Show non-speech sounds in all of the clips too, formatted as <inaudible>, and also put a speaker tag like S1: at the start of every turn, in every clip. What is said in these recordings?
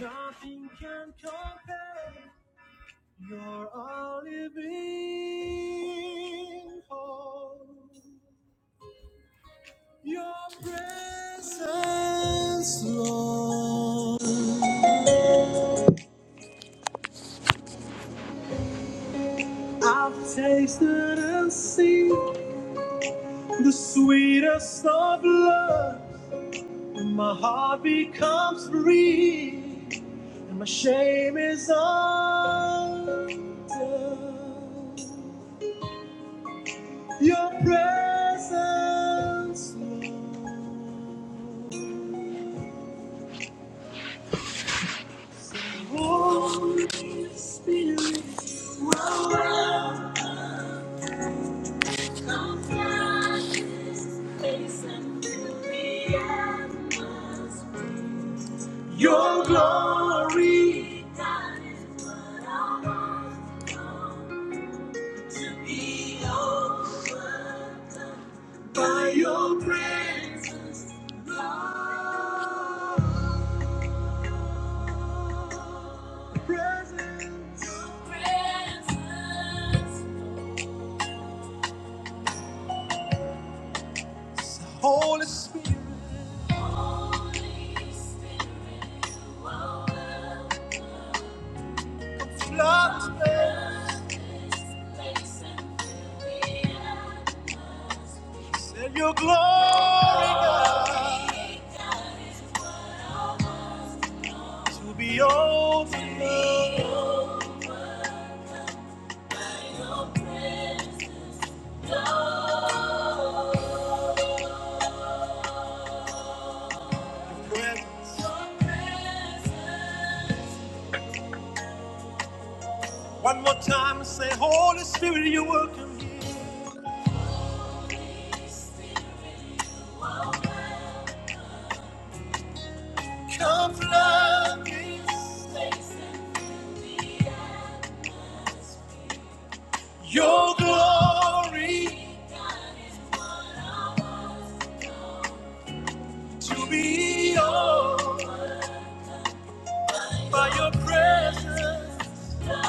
S1: Nothing can compare You're a living hope. Your presence, Lord. I've tasted and seen the sweetest of love. my heart becomes free, and my shame is undone. Your presence, Lord. So Holy Spirit, you are welcome. Come down this place and fill the atmosphere. Your glory, that is what I want. Come be overcome by your presence, Lord. presence. Your presence. Holy Spirit. Holy Spirit. Welcome. Flood this place. and fill the atmosphere. Send your glory, God, Glory, God, is what I want. to be overcome. To be overcome. One more time, say, Holy Spirit, you're welcome. here. Come flood this place and fill the atmosphere. Your glory to be yours by your presence. Your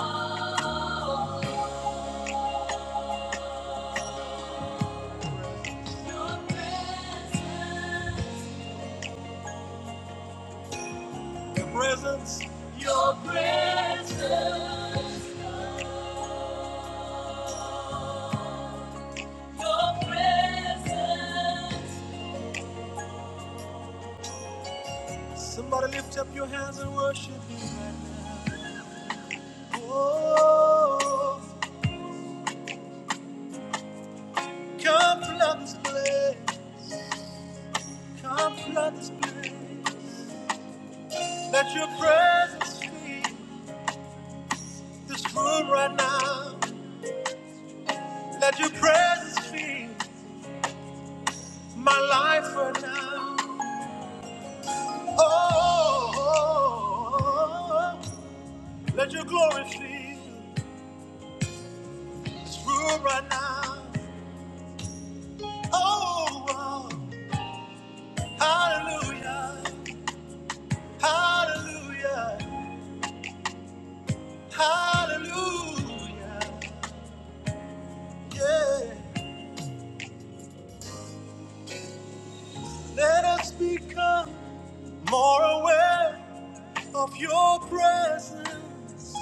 S1: presence. Your presence. Your presence. Somebody lift up your hands and worship Him. Oh. Come flood this place. Come flood this place. Let your presence fill this room right now. Let your presence fill my life right now. Oh, oh, oh, oh. let your glory fill this room right now. Oh, oh. hallelujah, hallelujah, hallelujah. Yeah, let us become. more aware of your presence.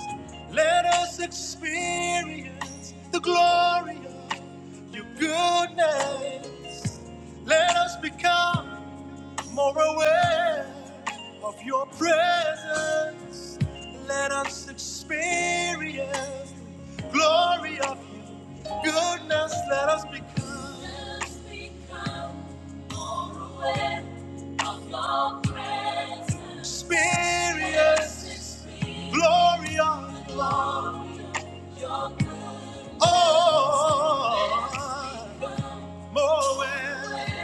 S1: Let us experience the glory of your goodness. Let us become more aware of your presence. Let us experience the glory of your goodness. Let us become. Let us become Experience glory on oh, Moed.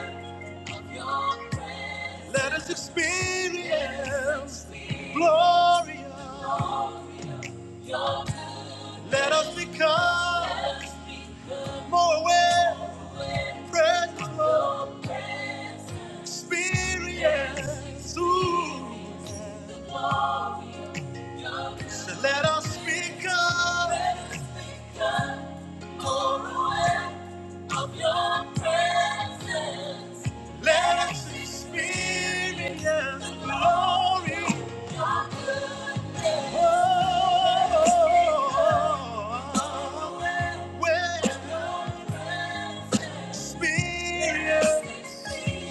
S1: Let us experience glory. Let us become more aware. Presence, Lord. Experience. Ooh. So let us speak up More aware of your presence. Let us experience the glory. Your goodness. Oh, we'll experience.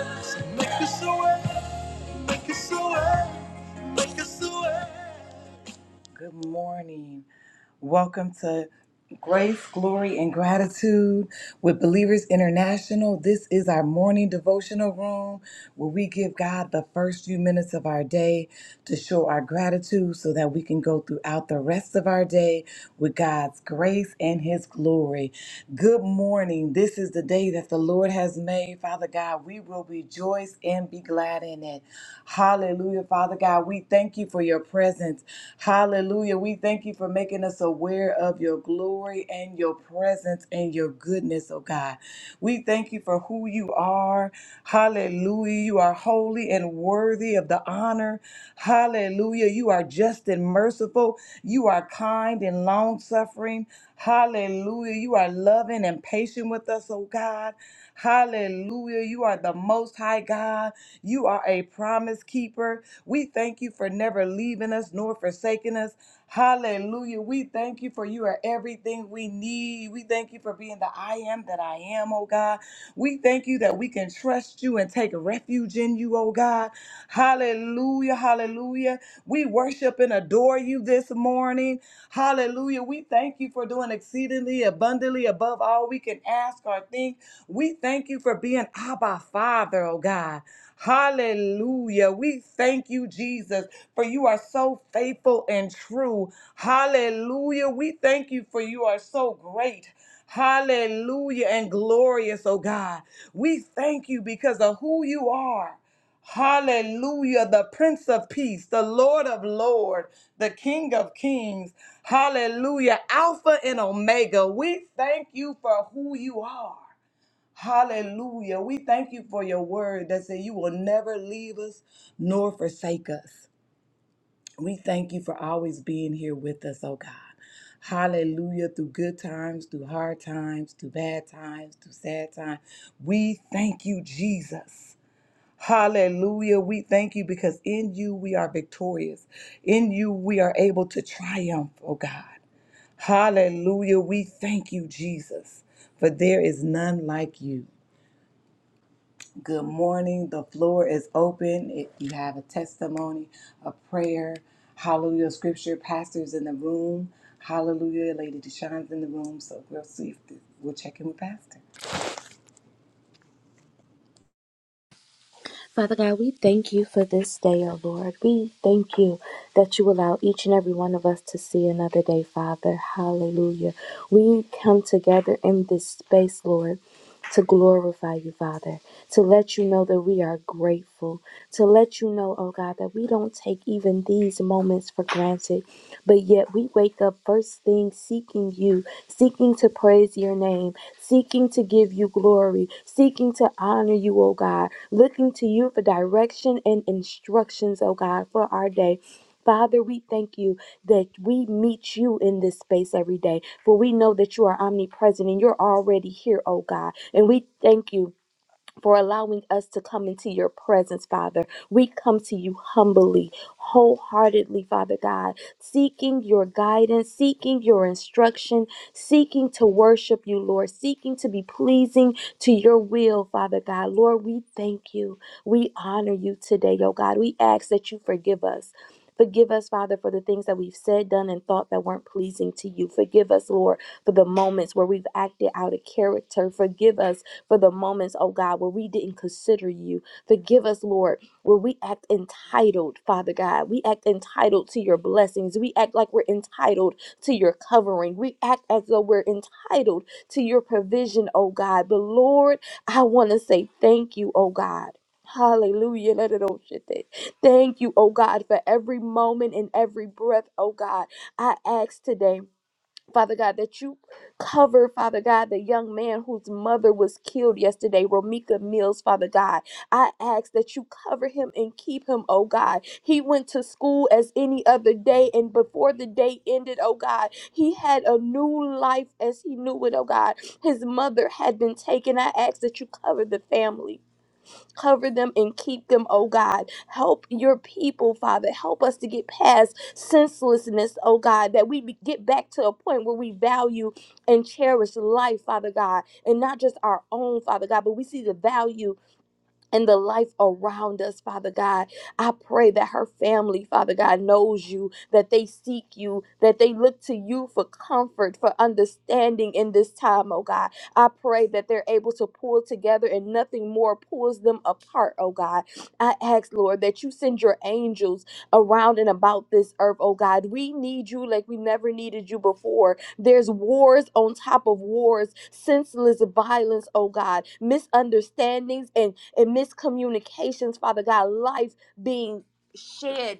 S1: Let's Make this away. Good morning. Welcome to Grace, Glory, and Gratitude with Believers International. This is our morning devotional room where we give God the first few minutes of our day to show our gratitude so that we can go throughout the rest of our day with God's grace and His glory. Good morning. This is the day that the Lord has made. Father God, we will rejoice and be glad in it. Hallelujah, Father God. Father God, we thank you for your presence. Hallelujah. We thank you for making us aware of your glory and your presence and your goodness, oh God. We thank you for who you are. Hallelujah. You are holy and worthy of the honor. Hallelujah. You are just and merciful. You are kind and long suffering. Hallelujah. You are loving and patient with us, oh God. Hallelujah. You are the most high God. You are a promise keeper. We thank you for never leaving us nor forsaking us. Hallelujah. We thank you for you are everything we need. We thank you for being the I am that I am, oh God. We thank you that we can trust you and take refuge in you, oh God. Hallelujah. Hallelujah. We worship and adore you this morning. Hallelujah. We thank you for doing exceedingly abundantly above all we can ask or think. We thank you for being Abba Father, oh God. Hallelujah. We thank you, Jesus, for you are so faithful and true. Hallelujah. We thank you for you are so great. Hallelujah and glorious, oh God. We thank you because of who you are. Hallelujah, the Prince of Peace, the Lord of Lords, the King of Kings. Hallelujah, Alpha and Omega. We thank you for who you are. Hallelujah. We thank you for your word that said you will never leave us nor forsake us. We thank you for always being here with us, oh God. Hallelujah. Through good times, through hard times, through bad times, through sad times. We thank you, Jesus. Hallelujah. We thank you because in you we are victorious. In you we are able to triumph, oh God. Hallelujah. We thank you, Jesus, for there is none like you. Good morning. The floor is open. If you have a testimony, a prayer, hallelujah, scripture, pastors in the room. Room. Hallelujah. Lady Deshawn's in the room. So we'll see if th- we'll check in with Pastor.
S2: Father God, we thank you for this day, O Lord. We thank you that you allow each and every one of us to see another day, Father. Hallelujah. We come together in this space, Lord, to glorify you, Father, to let you know that we are grateful, to let you know, oh God, that we don't take even these moments for granted, but yet we wake up first thing seeking you, seeking to praise your name seeking to give you glory, seeking to honor you, oh God, looking to you for direction and instructions, oh God, for our day. Father, we thank you that we meet you in this space every day, for we know that you are omnipresent and you're already here, oh God. And we thank you for allowing us to come into your presence, Father. We come to you humbly, wholeheartedly, Father God, seeking your guidance, seeking your instruction, seeking to worship you, Lord, seeking to be pleasing to your will, Father God. Lord, we thank you. We honor you today, oh God. We ask that you forgive us. Forgive us, Father, for the things that we've said, done, and thought that weren't pleasing to you. Forgive us, Lord, for the moments where we've acted out of character. Forgive us for the moments, oh God, where we didn't consider you. Forgive us, Lord, where we act entitled, Father God. We act entitled to your blessings. We act like we're entitled to your covering. We act as though we're entitled to your provision, oh God. But Lord, I want to say thank you, oh God. Hallelujah. Let it all shit there. Thank you, oh God, for every moment and every breath, oh God. I ask today. Father God, that you cover, Father God, the young man whose mother was killed yesterday, Romika Mills, Father God. I ask that you cover him and keep him, oh God. He went to school as any other day, and before the day ended, oh God, he had a new life as he knew it, oh God. His mother had been taken. I ask that you cover the family. Cover them and keep them, oh God. Help your people, Father. Help us to get past senselessness, oh God, that we be- get back to a point where we value and cherish life, Father God, and not just our own, Father God, but we see the value and the life around us, Father God. I pray that her family, Father God, knows you, that they seek you, that they look to you for comfort, for understanding in this time, oh God. I pray that they're able to pull together and nothing more pulls them apart, oh God. I ask, Lord, that you send your angels around and about this earth, oh God. We need you like we never needed you before. There's wars on top of wars, senseless violence, oh God, misunderstandings and, and miscommunications, Father God, life being shed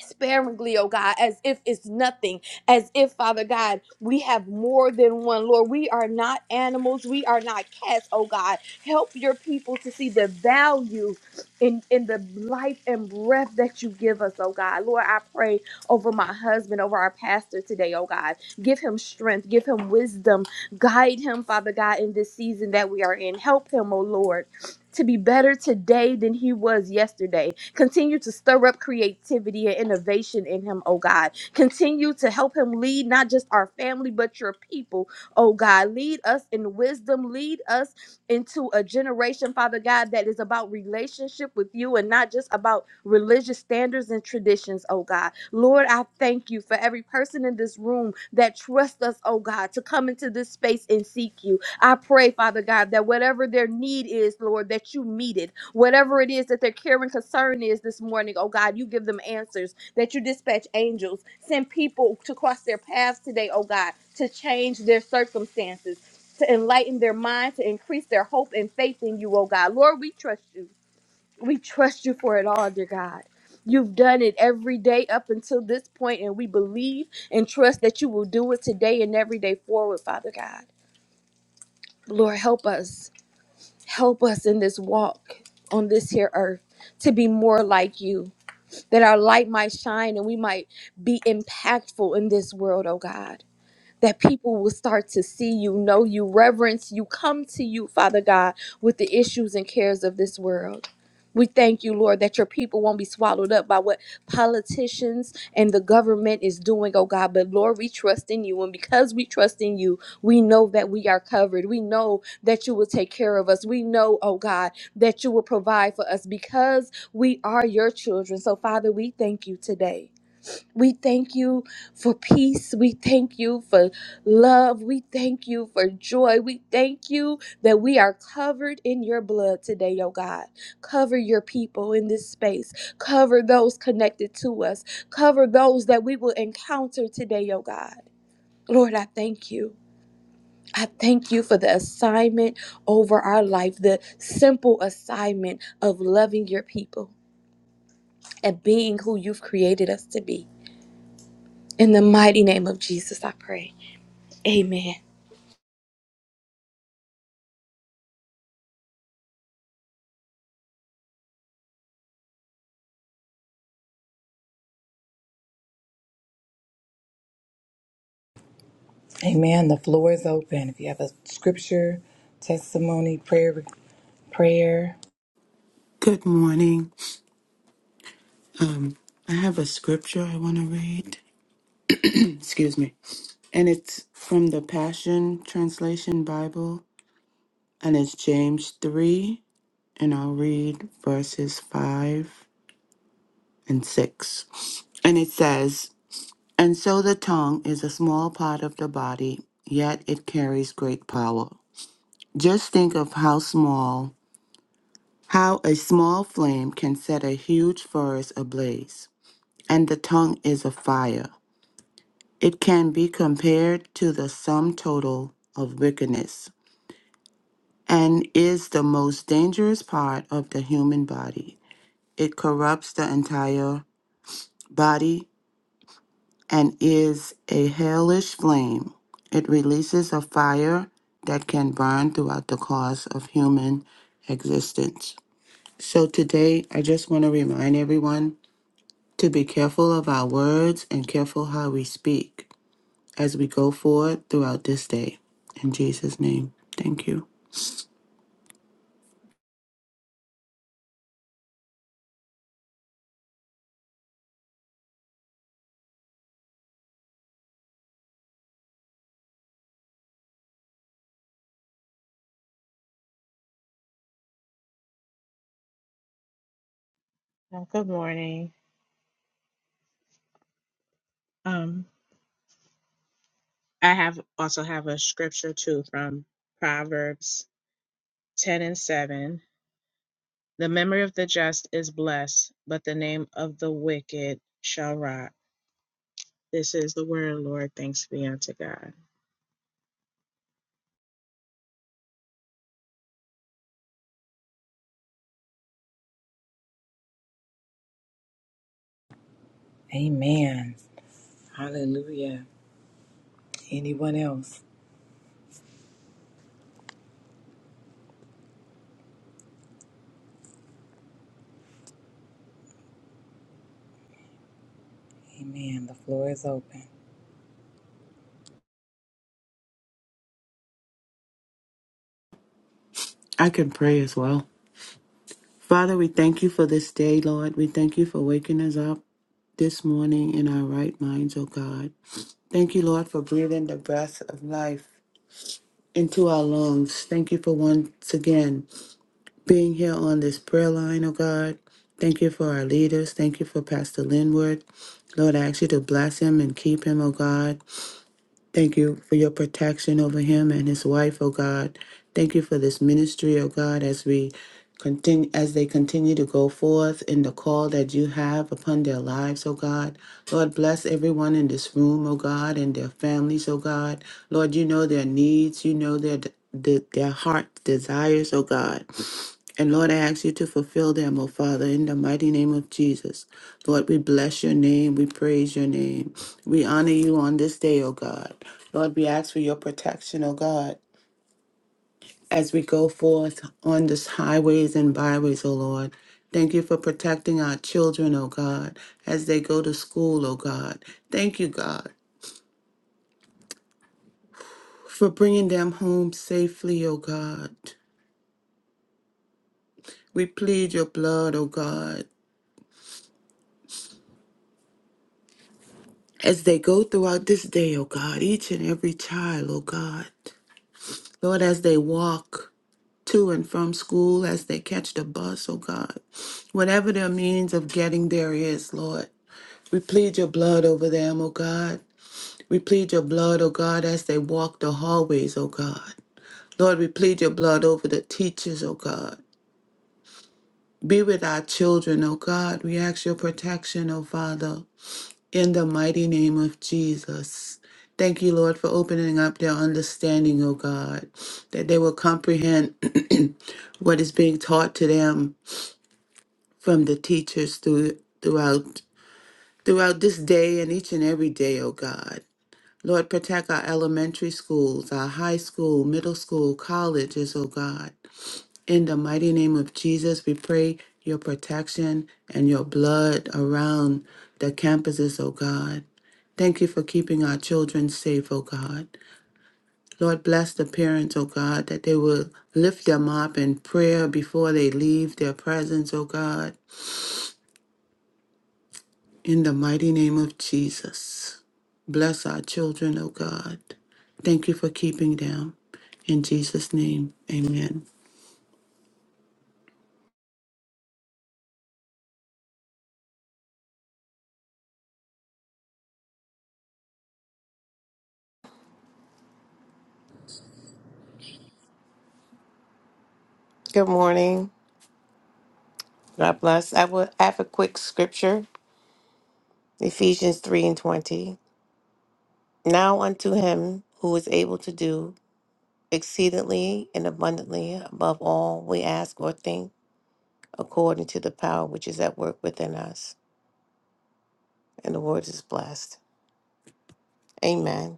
S2: sparingly, oh God, as if it's nothing, as if, Father God, we have more than one. Lord, we are not animals, we are not cats, oh God. Help your people to see the value in, in the life and breath that you give us, oh God. Lord, I pray over my husband, over our pastor today, oh God. Give him strength, give him wisdom, guide him, Father God, in this season that we are in. Help him, oh Lord to be better today than he was yesterday. Continue to stir up creativity and innovation in him, oh God. Continue to help him lead not just our family, but your people, oh God. Lead us in wisdom. Lead us into a generation, Father God, that is about relationship with you and not just about religious standards and traditions, oh God. Lord, I thank you for every person in this room that trusts us, oh God, to come into this space and seek you. I pray, Father God, that whatever their need is, Lord, that you meet it. Whatever it is that their care and concern is this morning, oh God, you give them answers, that you dispatch angels, send people to cross their paths today, oh God, to change their circumstances, to enlighten their mind, to increase their hope and faith in you, oh God. Lord, we trust you. We trust you for it all, dear God. You've done it every day up until this point, and we believe and trust that you will do it today and every day forward, Father God. Lord, help us. Help us in this walk on this here earth to be more like you, that our light might shine and we might be impactful in this world, oh God that people will start to see you, know you, reverence you, come to you, Father God, with the issues and cares of this world. We thank you, Lord, that your people won't be swallowed up by what politicians and the government is doing, oh God. But Lord, we trust in you. And because we trust in you, we know that we are covered. We know that you will take care of us. We know, oh God, that you will provide for us because we are your children. So, Father, we thank you today. We thank you for peace. We thank you for love. We thank you for joy. We thank you that we are covered in your blood today, oh God. Cover your people in this space. Cover those connected to us. Cover those that we will encounter today, oh God. Lord, I thank you. I thank you for the assignment over our life, the simple assignment of loving your people and being who you've created us to be. In the mighty name of Jesus, I pray. Amen.
S1: Amen. The floor is open. If you have a scripture, testimony, prayer, prayer.
S3: Good morning. I have a scripture I want to read. Excuse me. And it's from the Passion Translation Bible, and it's James 3, and I'll read verses 5 and 6. And it says, And so the tongue is a small part of the body, yet it carries great power. Just think of how small, how a small flame can set a huge forest ablaze. And the tongue is a fire It can be compared to the sum total of wickedness and is the most dangerous part of the human body. It corrupts the entire body and is a hellish flame. It releases a fire that can burn throughout the course of human existence. So today, I just want to remind everyone to be careful of our words and careful how we speak. as we go forward throughout this day. In Jesus' name, thank you.
S4: Oh, Good morning. Um, I have also have a scripture too from Proverbs 10 and 7. The memory of the just is blessed, but the name of the wicked shall rot. This is the word, Lord. Thanks be unto God.
S1: Amen. Hallelujah. Anyone else? Amen. The floor is open.
S3: I can pray as well. Father, we thank you for this day, Lord. We thank you for waking us up this morning in our right minds, oh God. Thank you, Lord, for breathing the breath of life into our lungs. Thank you for once again being here on this prayer line, oh God. Thank you for our leaders. Thank you for Pastor Linwood. Lord, I ask you to bless him and keep him, oh God. Thank you for your protection over him and his wife, oh God. Thank you for this ministry, oh God, as we continue as they continue to go forth in the call that you have upon their lives, oh God. Lord, bless everyone in this room, oh God, and their families, oh God. Lord, you know their needs, you know their the, their heart desires, oh God. And Lord, I ask you to fulfill them, O Father, in the mighty name of Jesus. Lord, we bless your name. We praise your name. We honor you on this day, O God. Lord, we ask for your protection, O God, as we go forth on this highways and byways, O Lord. Thank you for protecting our children, O God, as they go to school, O God. Thank you, God, for bringing them home safely, O God. We plead your blood, O God. as they go throughout this day, O God, each and every child, O God. Lord, as they walk to and from school, as they catch the bus, O God, whatever their means of getting there is, Lord, we plead your blood over them, O God. We plead your blood, O God, as they walk the hallways, O God. Lord, we plead your blood over the teachers, O God. Be with our children, O God. We ask your protection, O Father. In the mighty name of Jesus. Thank you, Lord, for opening up their understanding, O God, that they will comprehend <clears throat> what is being taught to them from the teachers through, throughout throughout this day and each and every day, O God. Lord, protect our elementary schools, our high school, middle school, colleges, O God. In the mighty name of Jesus, we pray your protection and your blood around the campuses, oh God. Thank you for keeping our children safe, oh God. Lord, bless the parents, oh God, that they will lift them up in prayer before they leave their presence, oh God. In the mighty name of Jesus, bless our children, oh God. Thank you for keeping them. In Jesus' name, amen.
S5: Good morning. God bless. I will I have a quick scripture. Ephesians 3 and 20. Now unto him who is able to do exceedingly and abundantly above all we ask or think, according to the power which is at work within us. And the word is blessed. Amen.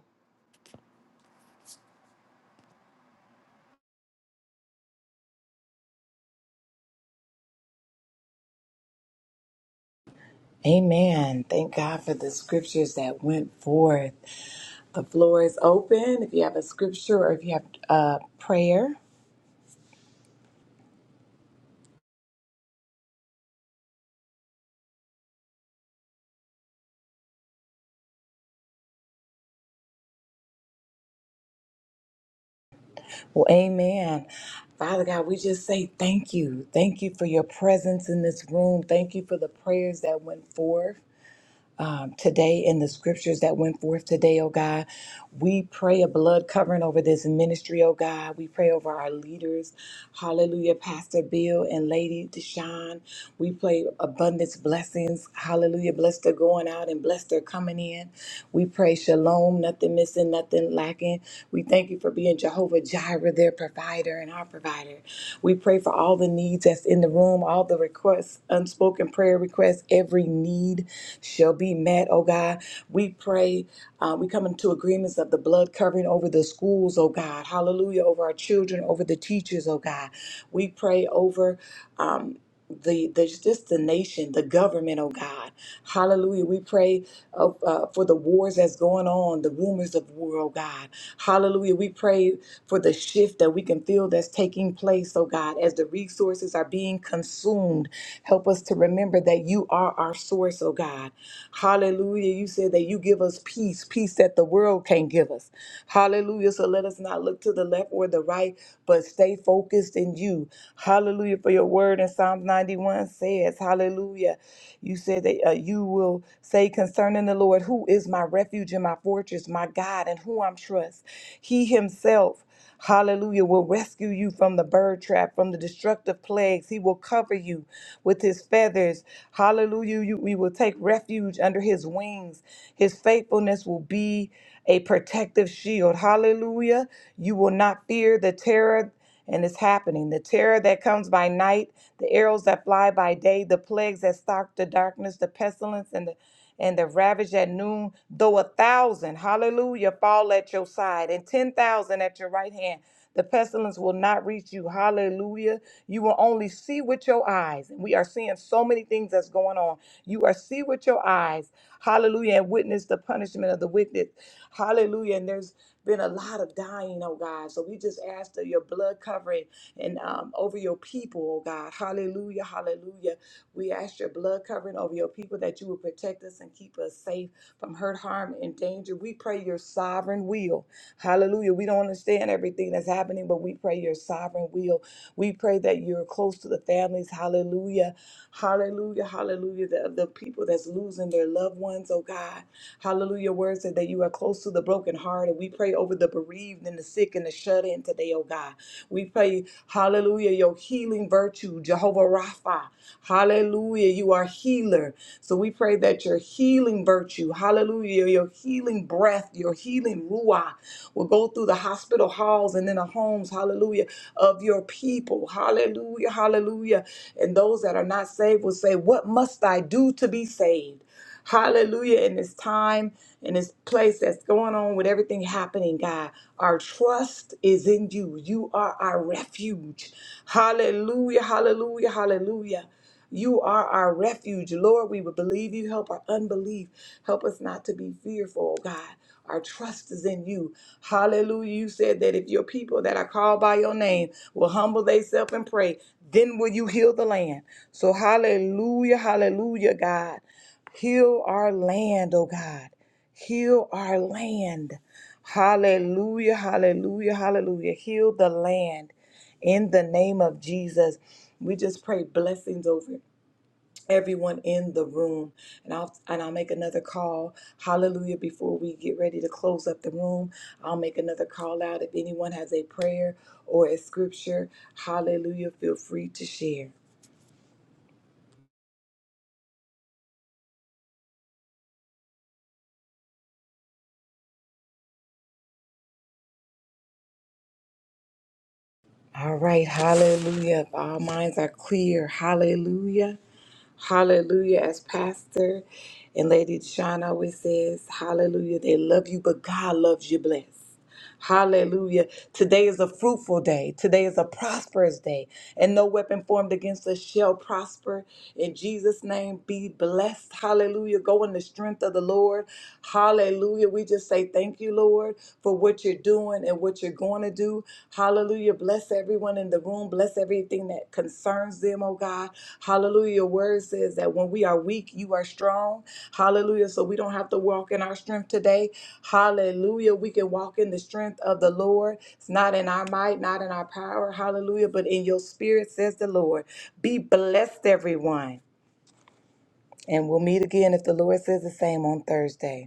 S1: Amen. Thank God for the scriptures that went forth. The floor is open. If you have a scripture or if you have a prayer, well, amen. Father God, we just say thank you. Thank you for your presence in this room. Thank you for the prayers that went forth. um, today in the scriptures that went forth today, oh God. We pray a blood covering over this ministry, oh God. We pray over our leaders. Hallelujah, Pastor Bill and Lady Deshawn. We pray abundance blessings. Hallelujah. Bless their going out and bless their coming in. We pray shalom, nothing missing, nothing lacking. We thank you for for being Jehovah Jireh, their provider and our provider. We pray for all the needs that's in the room, all the requests, unspoken prayer requests. Every need shall be met, oh God. We pray, uh, we come into agreements of the blood covering over the schools, oh God. Hallelujah. Over our children, over the teachers, oh God. We pray over. Um, the, the just the nation, the government, oh God. Hallelujah. We pray uh, uh, for the wars that's going on, the rumors of war, oh God. Hallelujah. We pray for the shift that we can feel that's taking place, oh God, as the resources are being consumed. Help us to remember that you are our source, oh God. Hallelujah. You said that you give us peace, peace that the world can't give us. Hallelujah. So let us not look to the left or the right, but stay focused in you. Hallelujah. For your word in Psalms 91 says, Hallelujah. You said that uh, you will say concerning the Lord, who is my refuge and my fortress, my God, and who I'm trust. He himself Hallelujah, will rescue you from the bird trap, from the destructive plagues. He will cover you with his feathers. Hallelujah, you, we will take refuge under his wings. His faithfulness will be a protective shield. Hallelujah, you will not fear the terror and it's happening. The terror that comes by night, the arrows that fly by day, the plagues that stalk the darkness, the pestilence and the and the ravage at noon, though a thousand, hallelujah, fall at your side, and ten thousand at your right hand, the pestilence will not reach you. Hallelujah. You will only see with your eyes. And we are seeing so many things that's going on. You are see with your eyes. Hallelujah. And witness the punishment of the wicked. Hallelujah. And there's been a lot of dying, oh God. So we just ask that your blood covering and um, over your people, oh God. Hallelujah, hallelujah. We ask your blood covering over your people that you will protect us and keep us safe from hurt, harm, and danger. We pray your sovereign will. Hallelujah. We don't understand everything that's happening, but we pray your sovereign will. We pray that you're close to the families. Hallelujah. Hallelujah. Hallelujah. The, the people that's losing their loved ones, oh God. Hallelujah. Your word said that you are close to the broken heart, and we pray over the bereaved and the sick and the shut in today, oh God. We pray, hallelujah, your healing virtue, Jehovah Rapha. Hallelujah. You are healer. So we pray that your healing virtue, hallelujah, your healing breath, your healing ruah will go through the hospital halls and in the homes, hallelujah, of your people. Hallelujah, hallelujah. And those that are not saved will say, What must I do to be saved? Hallelujah. In this time, in this place that's going on with everything happening, God, our trust is in you. You are our refuge. Hallelujah. Hallelujah. Hallelujah. You are our refuge. Lord, we will believe you. Help our unbelief. Help us not to be fearful, God. Our trust is in you. Hallelujah. You said that if your people that are called by your name will humble themselves and pray, then will you heal the land. So, hallelujah, hallelujah, God. Heal our land, oh God. Heal our land. Hallelujah, hallelujah, hallelujah. Heal the land in the name of Jesus. We just pray blessings over everyone in the room. And I'll and I'll make another call. Hallelujah. Before we get ready to close up the room, I'll make another call out. If anyone has a prayer or a scripture, hallelujah, feel free to share. All right, hallelujah. If all minds are clear, hallelujah. Hallelujah. As Pastor and Lady Shawn always says, hallelujah. They love you, but God loves you blessed. Hallelujah. Today is a fruitful day. Today is a prosperous day. And no weapon formed against us shall prosper. In Jesus' name, be blessed. Hallelujah. Go in the strength of the Lord. Hallelujah. We just say thank you, Lord, for what you're doing and what you're going to do. Hallelujah. Bless everyone in the room. Bless everything that concerns them, oh God. Hallelujah. Your word says that when we are weak, you are strong. Hallelujah. So we don't have to walk in our strength today. Hallelujah. We can walk in the strength of the Lord. It's not in our might, not in our power. Hallelujah. But in your spirit, says the Lord. Be blessed, everyone. And we'll meet again if the Lord says the same on Thursday.